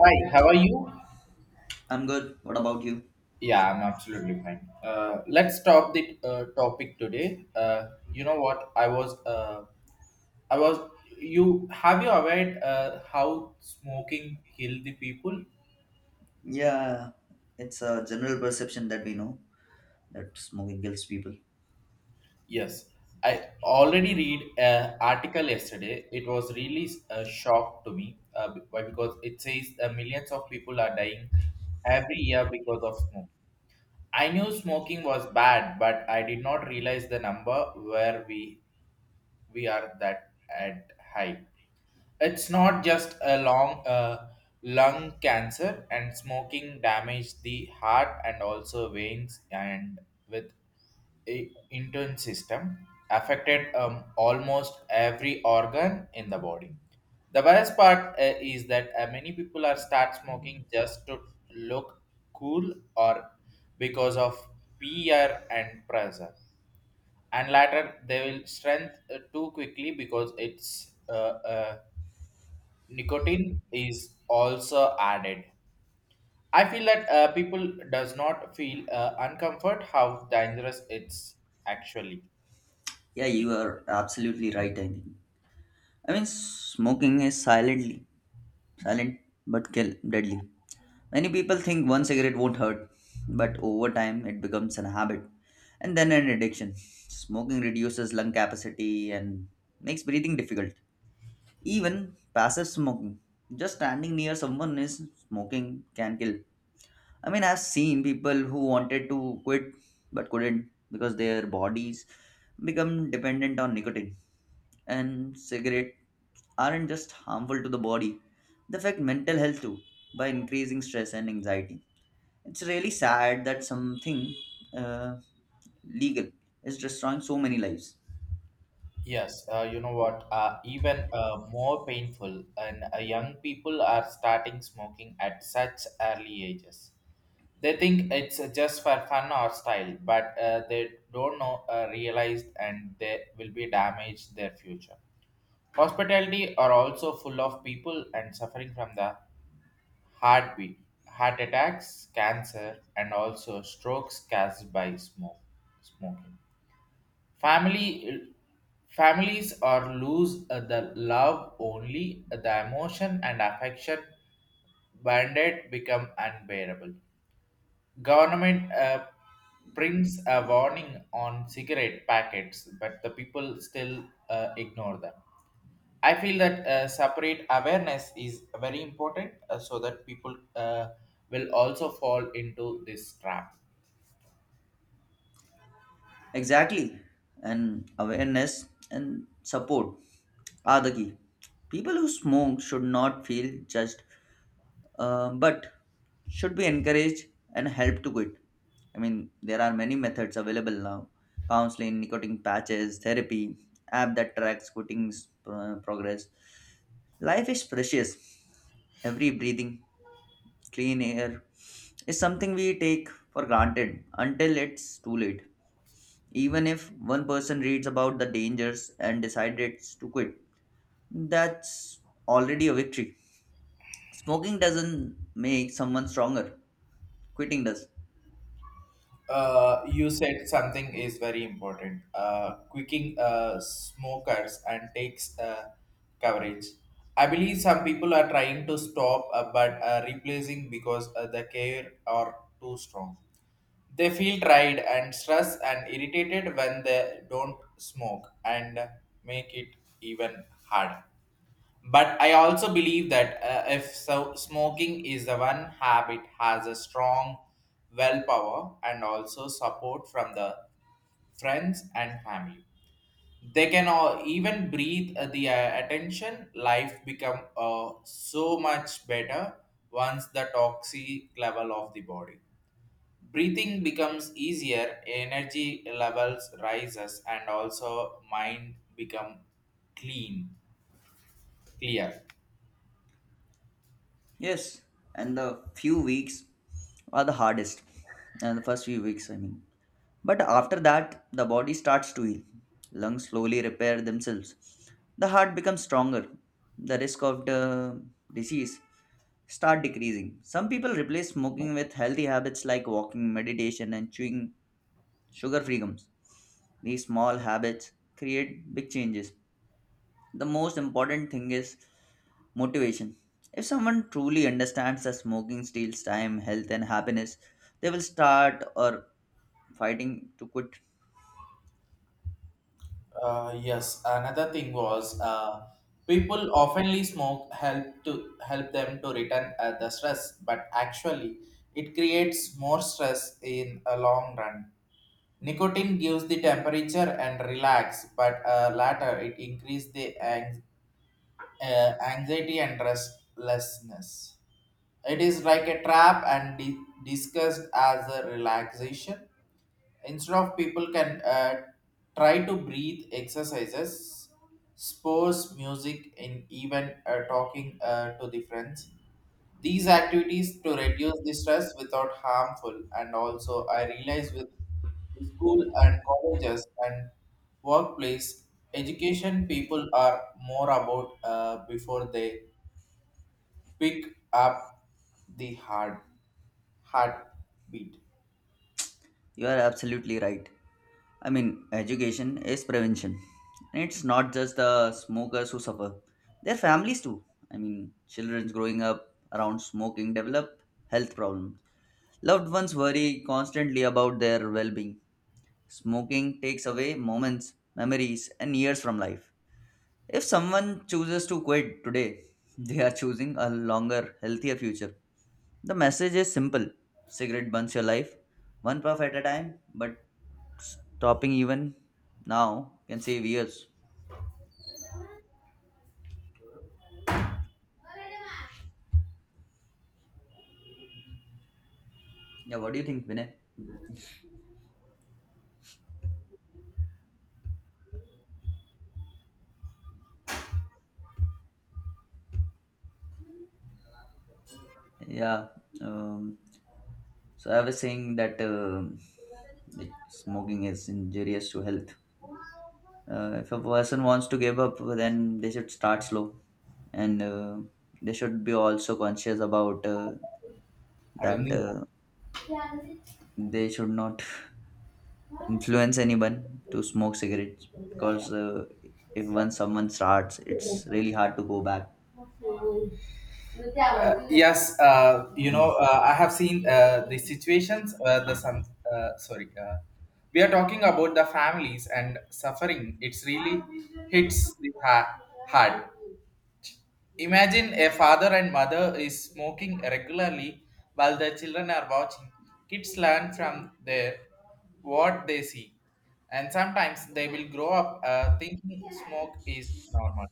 Hi, how are you? I'm good. What about you? Yeah, I'm absolutely fine. Let's stop the topic today. You know what? I was. You aware how smoking kill the people? Yeah, it's a general perception that we know that smoking kills people. Yes, I already read an article yesterday. It was really a shock to me. Why? Because it says millions of people are dying every year because of smoke. I knew smoking was bad, but I did not realize the number where we are that at high. It's not just a long lung cancer and smoking damage the heart and also veins and with a intern system affected almost every organ in the body. The worst part is that many people are start smoking just to look cool or because of peer and pressure and later they will strength too quickly because it's uh, nicotine is also added. I feel that people does not feel uncomfort how dangerous it's actually. Yeah, you are absolutely right. I mean, smoking is silent but kill deadly. Many people think one cigarette won't hurt, but over time it becomes an habit and then an addiction. Smoking reduces lung capacity and makes breathing difficult. Even passive smoking, just standing near someone is smoking can kill. I mean, I've seen people who wanted to quit but couldn't because their bodies become dependent on nicotine. And cigarette aren't just harmful to the body, they affect mental health too by increasing stress and anxiety. It's really sad that something uh, legal is destroying so many lives. Yes, you know what? Even more painful, and young people are starting smoking at such early ages. They think it's just for fun or style, but they don't know, realize, and they will be damaged their future. Hospitality are also full of people and suffering from the heartbeat, heart attacks, cancer, and also strokes caused by smoking. Family Families are lose the love only the emotion and affection banded become unbearable. Government brings a warning on cigarette packets, but the people still ignore them. I feel that separate awareness is very important so that people will also fall into this trap. Exactly. And awareness and support are the key. People who smoke should not feel judged, but should be encouraged and helped to quit. I mean, there are many methods available now: counseling, nicotine patches, therapy, app that tracks quitting progress. Life is precious. Every breathing, clean air is something we take for granted until it's too late. Even if one person reads about the dangers and decides to quit, that's already a victory. Smoking doesn't make someone stronger, quitting does. You said something is very important. Quicking smokers and takes coverage. I believe some people are trying to stop, but replacing because the care are too strong. They feel tired and stressed and irritated when they don't smoke and make it even harder. But I also believe that if so, smoking is the one habit has a strong willpower and also support from the friends and family. They can all even breathe the attention. Life become so much better once the toxic level of the body. Breathing becomes easier, energy levels rises, and also mind become clean, clear. Yes, and the few weeks are the hardest, and the first few weeks, I mean. But after that, the body starts to heal. Lungs slowly repair themselves. The heart becomes stronger. The risk of the disease start decreasing. Some people replace smoking with healthy habits like walking, meditation, and chewing sugar-free gums. These small habits create big changes. The most important thing is motivation. If someone truly understands that smoking steals time, health, and happiness, they will start or fighting to quit. Yes, another thing was people oftenly smoke help to help them to return the stress, but actually it creates more stress in a long run. Nicotine gives the temperature and relax, but later it increases the anxiety and restlessness. It is like a trap and discussed as a relaxation. Instead of people can try to breathe exercises, sports, music, and even talking to the friends. These activities to reduce the stress without harmful. And also, I realize with the school and colleges and workplace education people are more about before they pick up the heartbeat. You are absolutely right. I mean, education is prevention. And it's not just the smokers who suffer, their families too. I mean, children growing up around smoking develop health problems. Loved ones worry constantly about their well being. Smoking takes away moments, memories, and years from life. If someone chooses to quit today, they are choosing a longer, healthier future. The message is simple: cigarette burns your life, one puff at a time, but stopping even now can save years. Yeah, what do you think, Vinay? Yeah, um, so I was saying that like smoking is injurious to health. If a person wants to give up, then they should start slow and they should be also conscious about I don't that. think. They should not influence anyone to smoke cigarettes because if once someone starts it's really hard to go back. Yes, Mm. I have seen the situations. The some Sorry, we are talking about the families and suffering. It's really hits the hard. Imagine a father and mother is smoking regularly while their children are watching. Kids learn from their what they see, and sometimes they will grow up thinking smoke is normal.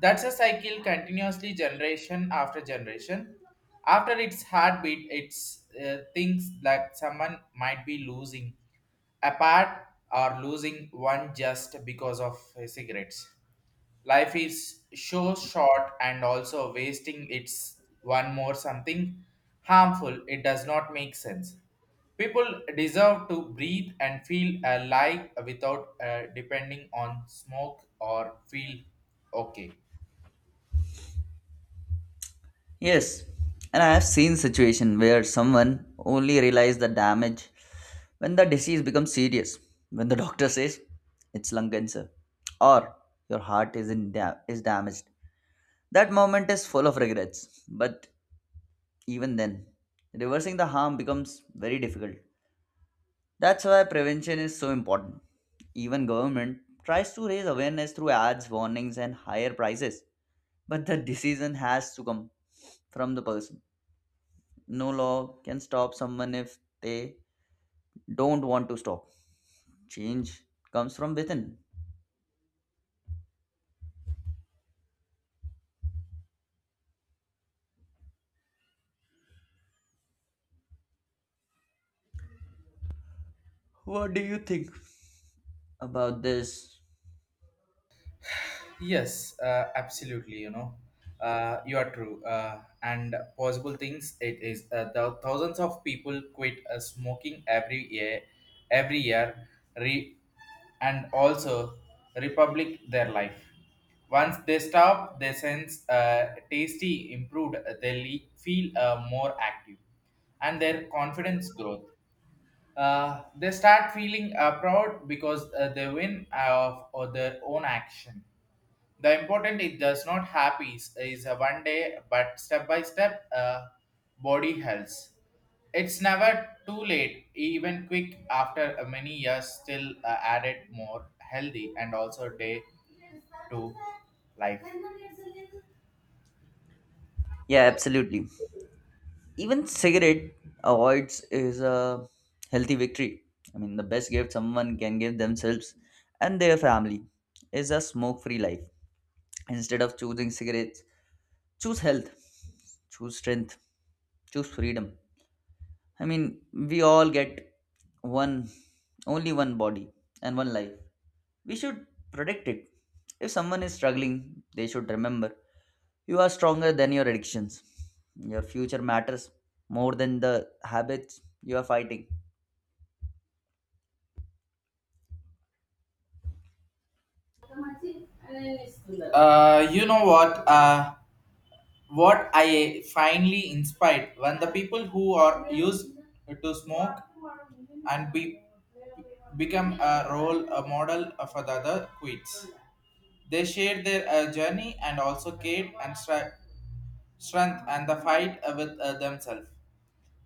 That's a cycle continuously generation after generation. After its heartbeat, it thinks that someone might be losing a part or losing one just because of cigarettes. Life is so short and also wasting its one more something harmful, it does not make sense. People deserve to breathe and feel alive without depending on smoke or feel okay. Yes, and I have seen situation where someone only realized the damage when the disease becomes serious, when the doctor says it's lung cancer or your heart is damaged. That moment is full of regrets, but even then reversing the harm becomes very difficult. That's why prevention is so important. Even government tries to raise awareness through ads, warnings and higher prices. But the decision has to come from the person. No law can stop someone if they don't want to stop. Change comes from within. What do you think about this? Yes, absolutely. You are true. And possible things it is the thousands of people quit smoking every year, every year, re- and also republic their life. Once they stop, their sense tasty improved. They feel more active, and their confidence growth. They start feeling proud because they win of their own action. The important it does not happy is a one day but step by step body health. It's never too late even quick after many years still added more healthy and also day to life. Yeah, absolutely. Even cigarette avoids is a healthy victory. I mean, the best gift someone can give themselves and their family is a smoke-free life. Instead of choosing cigarettes, choose health, choose strength, choose freedom. I mean, we all get one, only one body and one life. We should protect it. If someone is struggling, they should remember: you are stronger than your addictions, your future matters more than the habits you are fighting. You know what I finally inspired when the people who are used to smoke and be become a role a model for the other quits. They shared their journey and also cared and strength and the fight with themselves.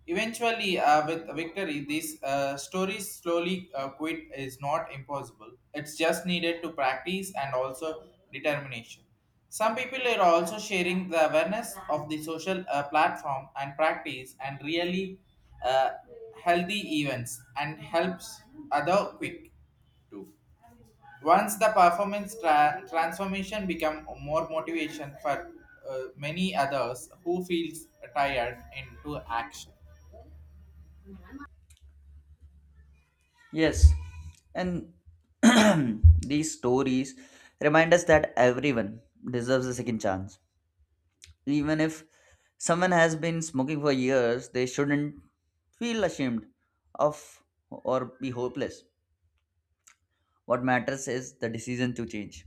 Eventually, with victory, these stories slowly quit is not impossible. It's just needed to practice and also determination. Some people are also sharing the awareness of the social platform and practice and really uh, healthy events and helps other quick too. Once the performance transformation become more motivation for many others who feels tired into action. Yes, and these stories remind us that everyone deserves a second chance. Even if someone has been smoking for years, they shouldn't feel ashamed of or be hopeless. What matters is the decision to change.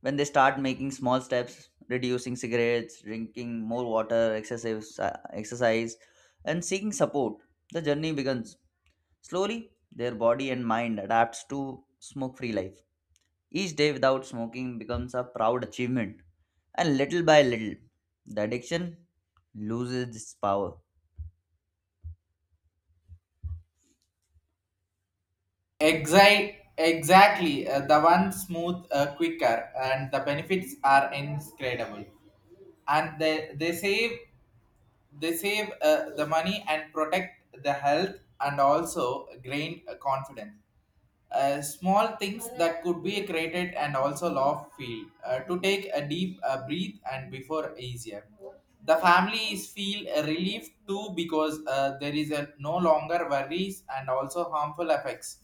When they start making small steps, reducing cigarettes, drinking more water, exercise, and seeking support, the journey begins. Slowly, their body and mind adapts to smoke-free life. Each day without smoking becomes a proud achievement, and little by little, the addiction loses its power. Exactly, the one smooth, quicker, and the benefits are incredible. And they save the money and protect the health and also gain confidence. Small things that could be created and also love feel to take a deep breath and before easier. The families feel a relief too because there is a no longer worries and also harmful effects.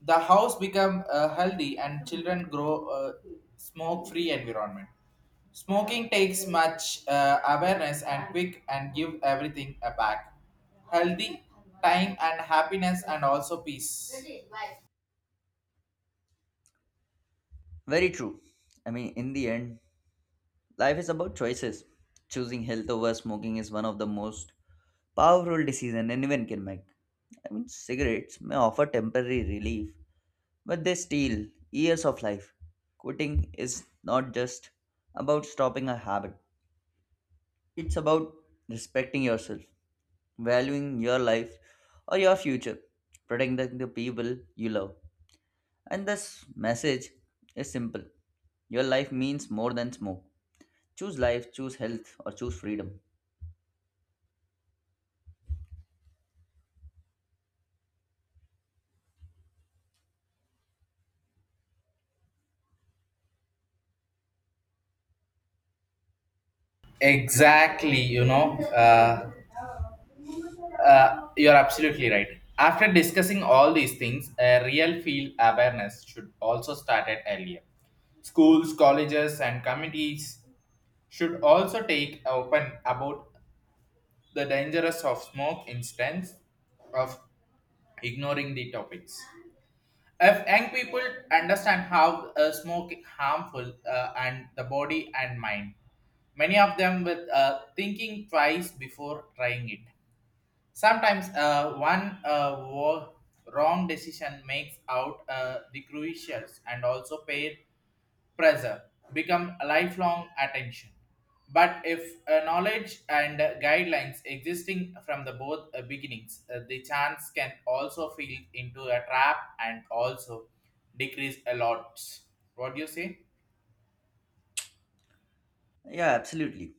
The house become healthy and children grow smoke free environment. Smoking takes much awareness and quick and give everything a back. Healthy, time and happiness and also peace. Very true. I mean, in the end, life is about choices. Choosing health over smoking is one of the most powerful decisions anyone can make. I mean, cigarettes may offer temporary relief, but they steal years of life. Quitting is not just about stopping a habit, it's about respecting yourself, valuing your life or your future, protecting the people you love. And this message is simple: your life means more than smoke. Choose life, choose health, or choose freedom. Exactly, you're absolutely right. After discussing all these things, a real field awareness should also start at earlier. Schools, colleges, and committees should also take open about the dangers of smoke instance of ignoring the topics if young people understand how smoke harmful and the body and mind many of them with thinking twice before trying it. Sometimes one wrong decision makes out the crucial and also paid pressure become a lifelong attention. But if knowledge and guidelines existing from the both beginnings, the chance can also feel into a trap and also decrease a lot. What do you say? Yeah, absolutely.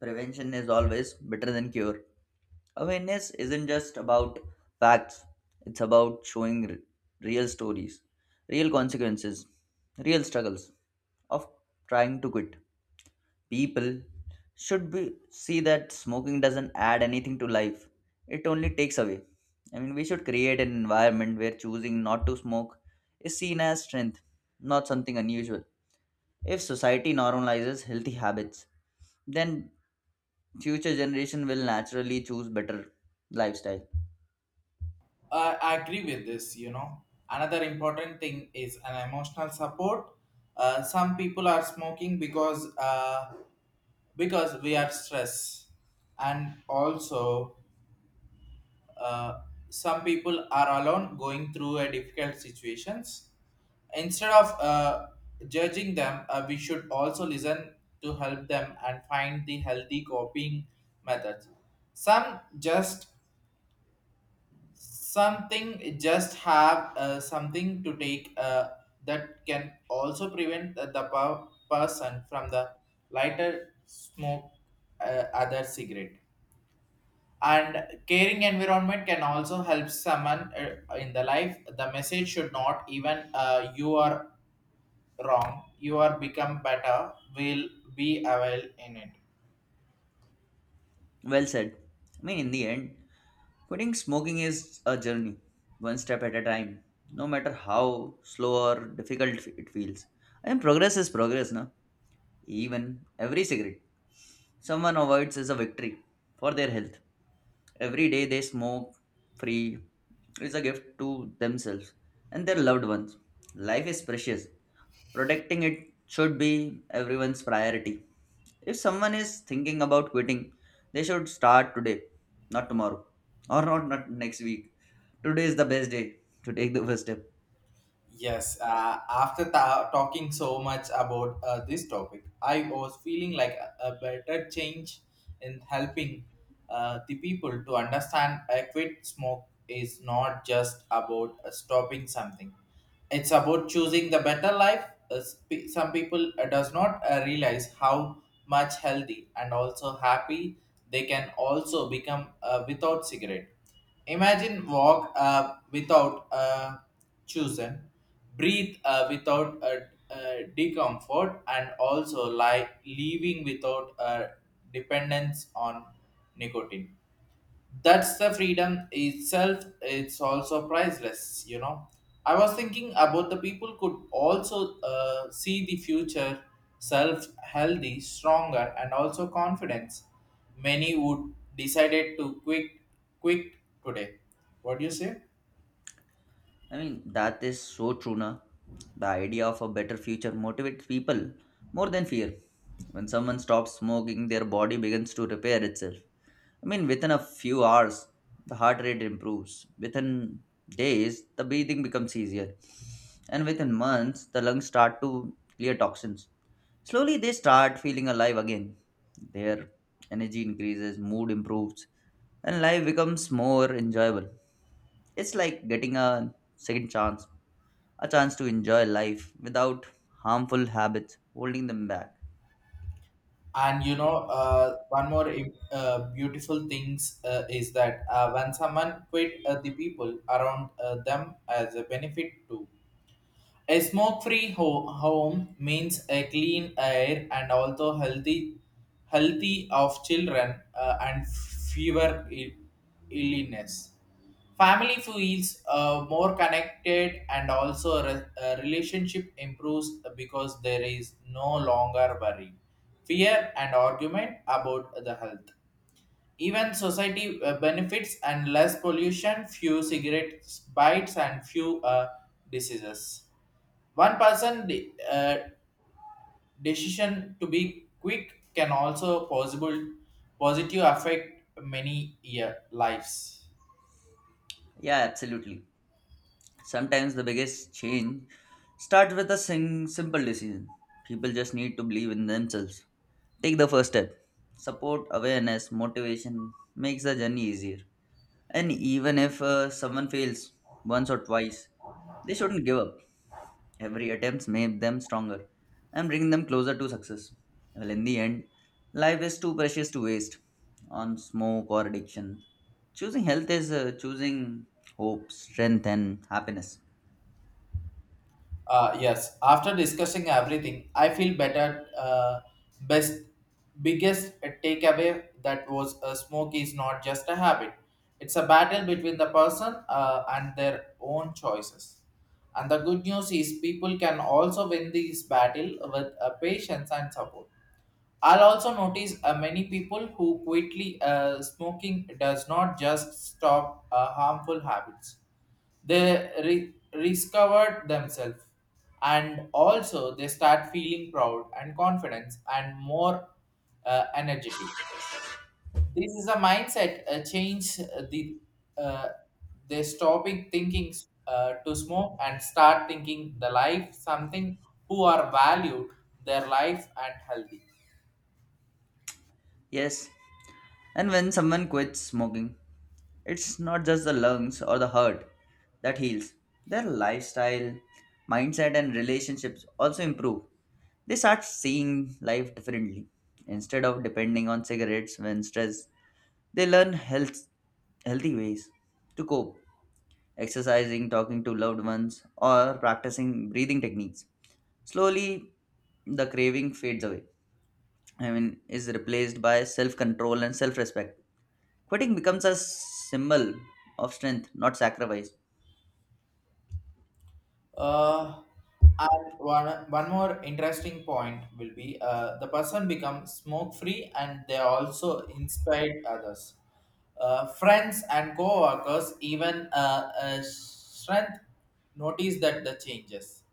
Prevention is always better than cure. Awareness isn't just about facts, it's about showing real stories, real consequences, real struggles of trying to quit. People should be see that smoking doesn't add anything to life. It only takes away. I mean, we should create an environment where choosing not to smoke is seen as strength, not something unusual. If society normalizes healthy habits, then future generation will naturally choose better lifestyle. I agree with this. Another important thing is an emotional support. Some people are smoking because we are stressed, and also uh, some people are alone going through a difficult situations. Instead of judging them we should also listen to help them and find the healthy coping methods. Some just something just have something to take that can also prevent the person from the lighter smoke other cigarette and caring environment can also help someone in the life. The message should not even you are wrong you are become better will be available in it. Well said. I mean, in the end, quitting smoking is a journey, one step at a time, no matter how slow or difficult it feels. And progress is progress, na? Even every cigarette someone avoids is a victory for their health. Every day they smoke free is a gift to themselves and their loved ones. Life is precious. Protecting it should be everyone's priority. If someone is thinking about quitting, they should start today, not tomorrow, or not next week. Today is the best day to take the first step. Yes, after talking so much about this topic, I was feeling like a better change in helping the people to understand a quit smoke is not just about stopping something. It's about choosing the better life. Some people does not realize how much healthy and also happy they can also become without cigarette. Imagine walk without choosing, breathe without discomfort, and also like leaving without dependence on nicotine. That's the freedom itself. It's also priceless. I was thinking about the people could also see the future self healthy stronger and also confidence. Many would decided to quit today. What do you say? I mean, that is so true, na? The idea of a better future motivates people more than fear. When someone stops smoking, their body begins to repair itself. I mean, within a few hours, the heart rate improves. Within days, the breathing becomes easier. And within months, the lungs start to clear toxins. Slowly, they start feeling alive again. Their energy increases, mood improves, and life becomes more enjoyable. It's like getting a second chance, a chance to enjoy life without harmful habits holding them back. And one more beautiful things is that when someone quit the people around them as a benefit too. A smoke-free home means a clean air and also healthy of children and fewer illness. Family feels more connected and also relationship improves because there is no longer worry, fear and argument about the health. Even society benefits and less pollution, few cigarette bites and few diseases. One person decision to be quick can also possible positive affect many year lives. Yeah, absolutely. Sometimes the biggest change starts with a simple decision. People just need to believe in themselves. Take the first step. Support, awareness, motivation makes the journey easier. And even if someone fails once or twice, they shouldn't give up. Every attempt makes them stronger and bring them closer to success. Well, in the end, life is too precious to waste on smoke or addiction. Choosing health is choosing hope, strength, and happiness. Yes, after discussing everything, I feel better. Best Biggest takeaway that was smoke is not just a habit; it's a battle between the person and their own choices. And the good news is people can also win this battle with patience and support. I'll also notice many people who quietly smoking does not just stop harmful habits. They discovered themselves and also they start feeling proud and confidence and more energetic. This is a mindset change uh, they stopping thinking to smoke and start thinking the life something who are valued their life and healthy. Yes, and when someone quits smoking, it's not just the lungs or the heart that heals. Their lifestyle, mindset, and relationships also improve. They start seeing life differently. Instead of depending on cigarettes when stressed, they learn healthy ways to cope, exercising, talking to loved ones, or practicing breathing techniques. Slowly, the craving fades away. I mean, is replaced by self control and self respect. Quitting becomes a symbol of strength, not sacrifice. Uh, and one more interesting point will be the person becomes smoke free and they also inspired others. Friends and co workers, even strength, notice that the changes.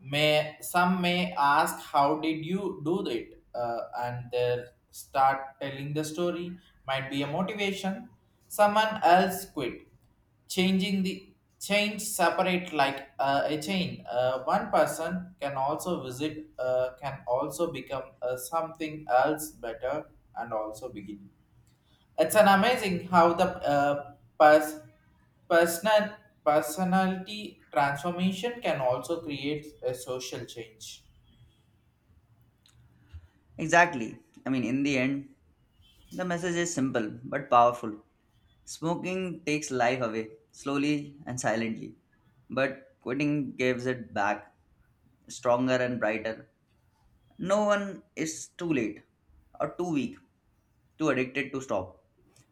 May some may ask how did you do it, and they start telling the story. Might be a motivation. Someone else quit, changing the change separate like a chain. One person can also visit, can also become something else better, and also begin. It's an amazing how the pers- Personal, personality transformation can also create a social change. Exactly. I mean, in the end, the message is simple but powerful. Smoking takes life away, slowly and silently, but quitting gives it back, stronger and brighter. No one is too late or too weak, too addicted to stop.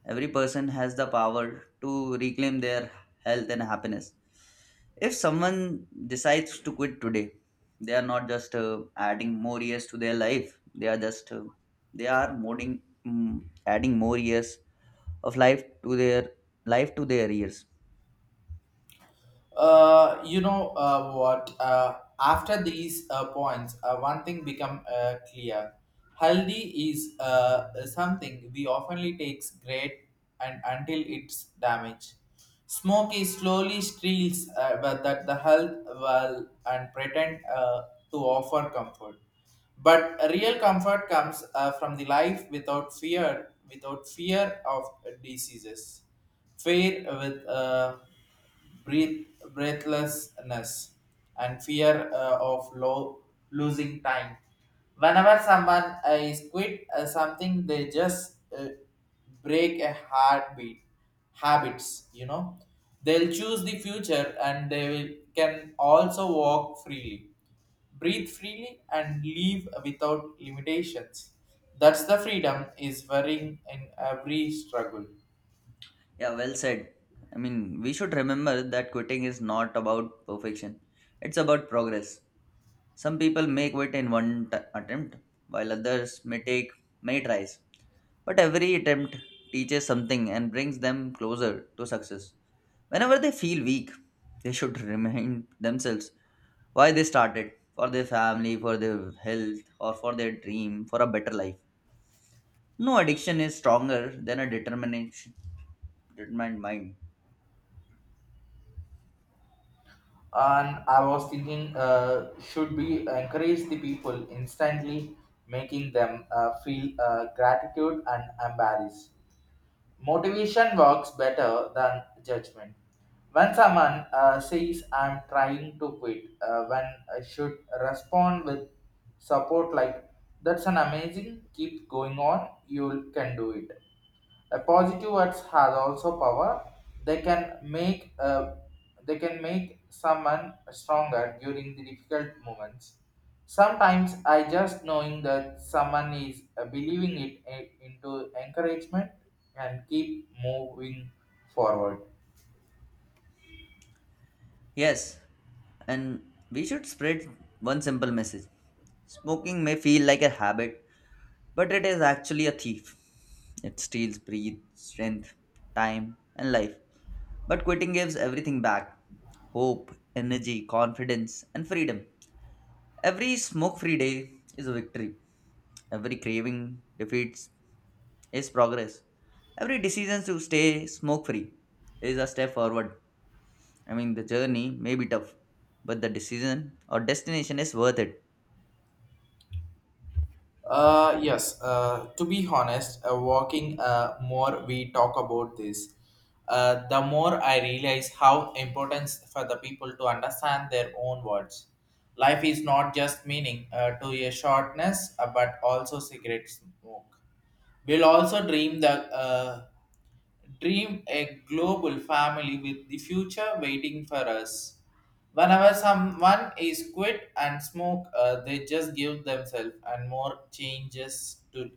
Every person has the power to reclaim their health and happiness. If someone decides to quit today, they are not just adding more years to their life. They are just they are modding, mm, adding more years of life to their years. What? After these points, one thing become clear. Healthy is something we oftenly takes great and until it's damaged. Smoke is slowly steals but that the health well and pretend to offer comfort. But real comfort comes from the life without fear, without fear of diseases, fear with breath, breathlessness, and fear losing time. Whenever someone is quit something, they just break a heartbeat habits. They'll choose the future, and they will, can also walk freely breathe freely and live without limitations that's the freedom is varying in every struggle. Yeah, well said. I mean, we should remember that quitting is not about perfection. It's about progress. Some people may quit in one attempt, while others may take many tries. But every attempt teaches something and brings them closer to success. Whenever they feel weak, they should remind themselves why they started: for their family, for their health, or for their dream, for a better life. No addiction is stronger than a determined mind. And I was thinking should we encourage the people instantly making them feel gratitude and embarrassed motivation works better than judgment when someone says I'm trying to quit when I should respond with support like that's an amazing keep going on you can do it a positive words has also power. They can make uh, they can make someone stronger during the difficult moments. Sometimes I just knowing that someone is believing it into encouragement and keep moving forward. Yes, and we should spread one simple message: smoking may feel like a habit, but it is actually a thief. It steals breath, strength, time, and life. But quitting gives everything back: hope, energy, confidence, and freedom. Every smoke free day is a victory. Every craving defeats is progress. Every decision to stay smoke free is a step forward. I mean, the journey may be tough, but the decision or destination is worth it. Yes, to be honest, walking more we talk about this, the more I realize how important for the people to understand their own words. Life is not just meaning to a shortness, but also cigarette smoke. We'll also dream the uh, dream a global family with the future waiting for us. Whenever someone is quit and smoke, they just give themselves and more changes to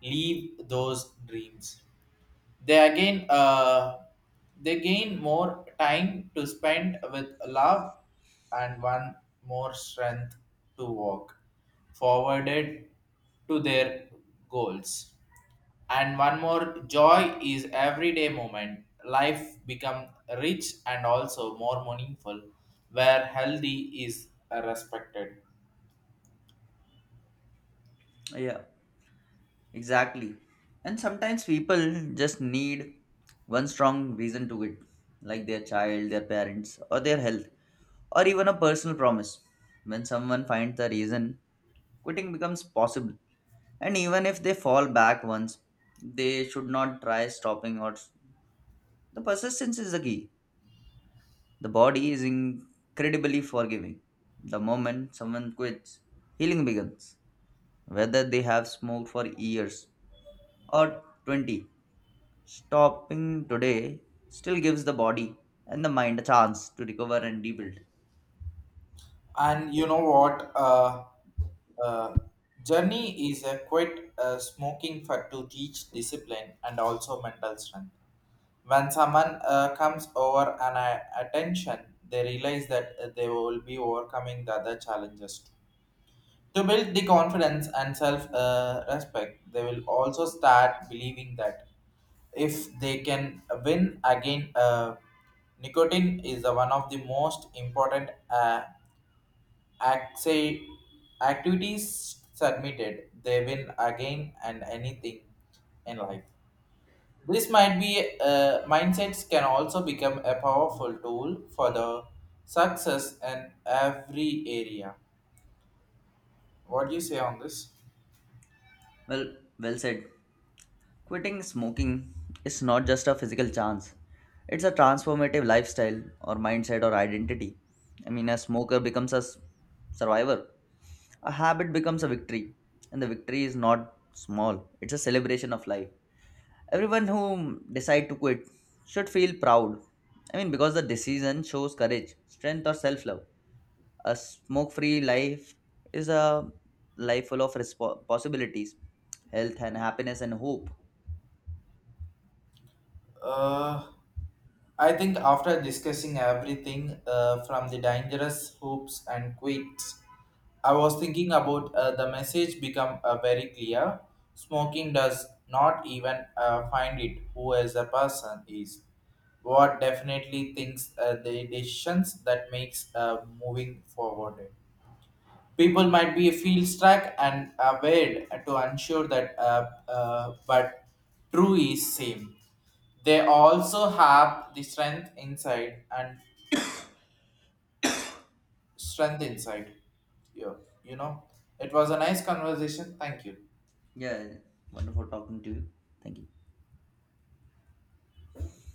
leave those dreams. They again, uh, they gain more time to spend with love and one more strength to walk forwarded to their goals and one more joy is everyday moment life become rich and also more meaningful where healthy is respected. Yeah, exactly. And sometimes people just need one strong reason to it, like their child, their parents, or their health, or even a personal promise. When someone finds the reason, quitting becomes possible. And even if they fall back once, they should not try stopping, or the persistence is the key. The body is incredibly forgiving. The moment someone quits, healing begins. Whether they have smoked for years or 20, stopping today still gives the body and the mind a chance to recover and rebuild. And you know what uh, Journey is a quit smoking for to teach discipline and also mental strength when someone comes over an attention they realize that they will be overcoming the other challenges too. To build the confidence and self respect, they will also start believing that if they can win again, nicotine is the one of the most important acti- activities submitted. They win again and anything in life. This might be mindsets can also become a powerful tool for the success in every area. What do you say on this? Well, well said. Quitting smoking is not just a physical chance, it's a transformative lifestyle or mindset or identity. I mean, a smoker becomes a survivor, a habit becomes a victory, and the victory is not small, it's a celebration of life. Everyone who decide to quit should feel proud. I mean, because the decision shows courage, strength, or self love. A smoke free life is a life full of possibilities, health, and happiness, and hope. Uh, I think after discussing everything from the dangerous hoops and quits, I was thinking about the message become very clear. Smoking does not even find it who as a person is. What definitely thinks the decisions that makes moving forward. People might be feel stuck and aware to ensure that, but true is same. They also have the strength inside and strength inside. Yeah, you know, it was a nice conversation. Thank you. Yeah, yeah. Wonderful talking to you. Thank you.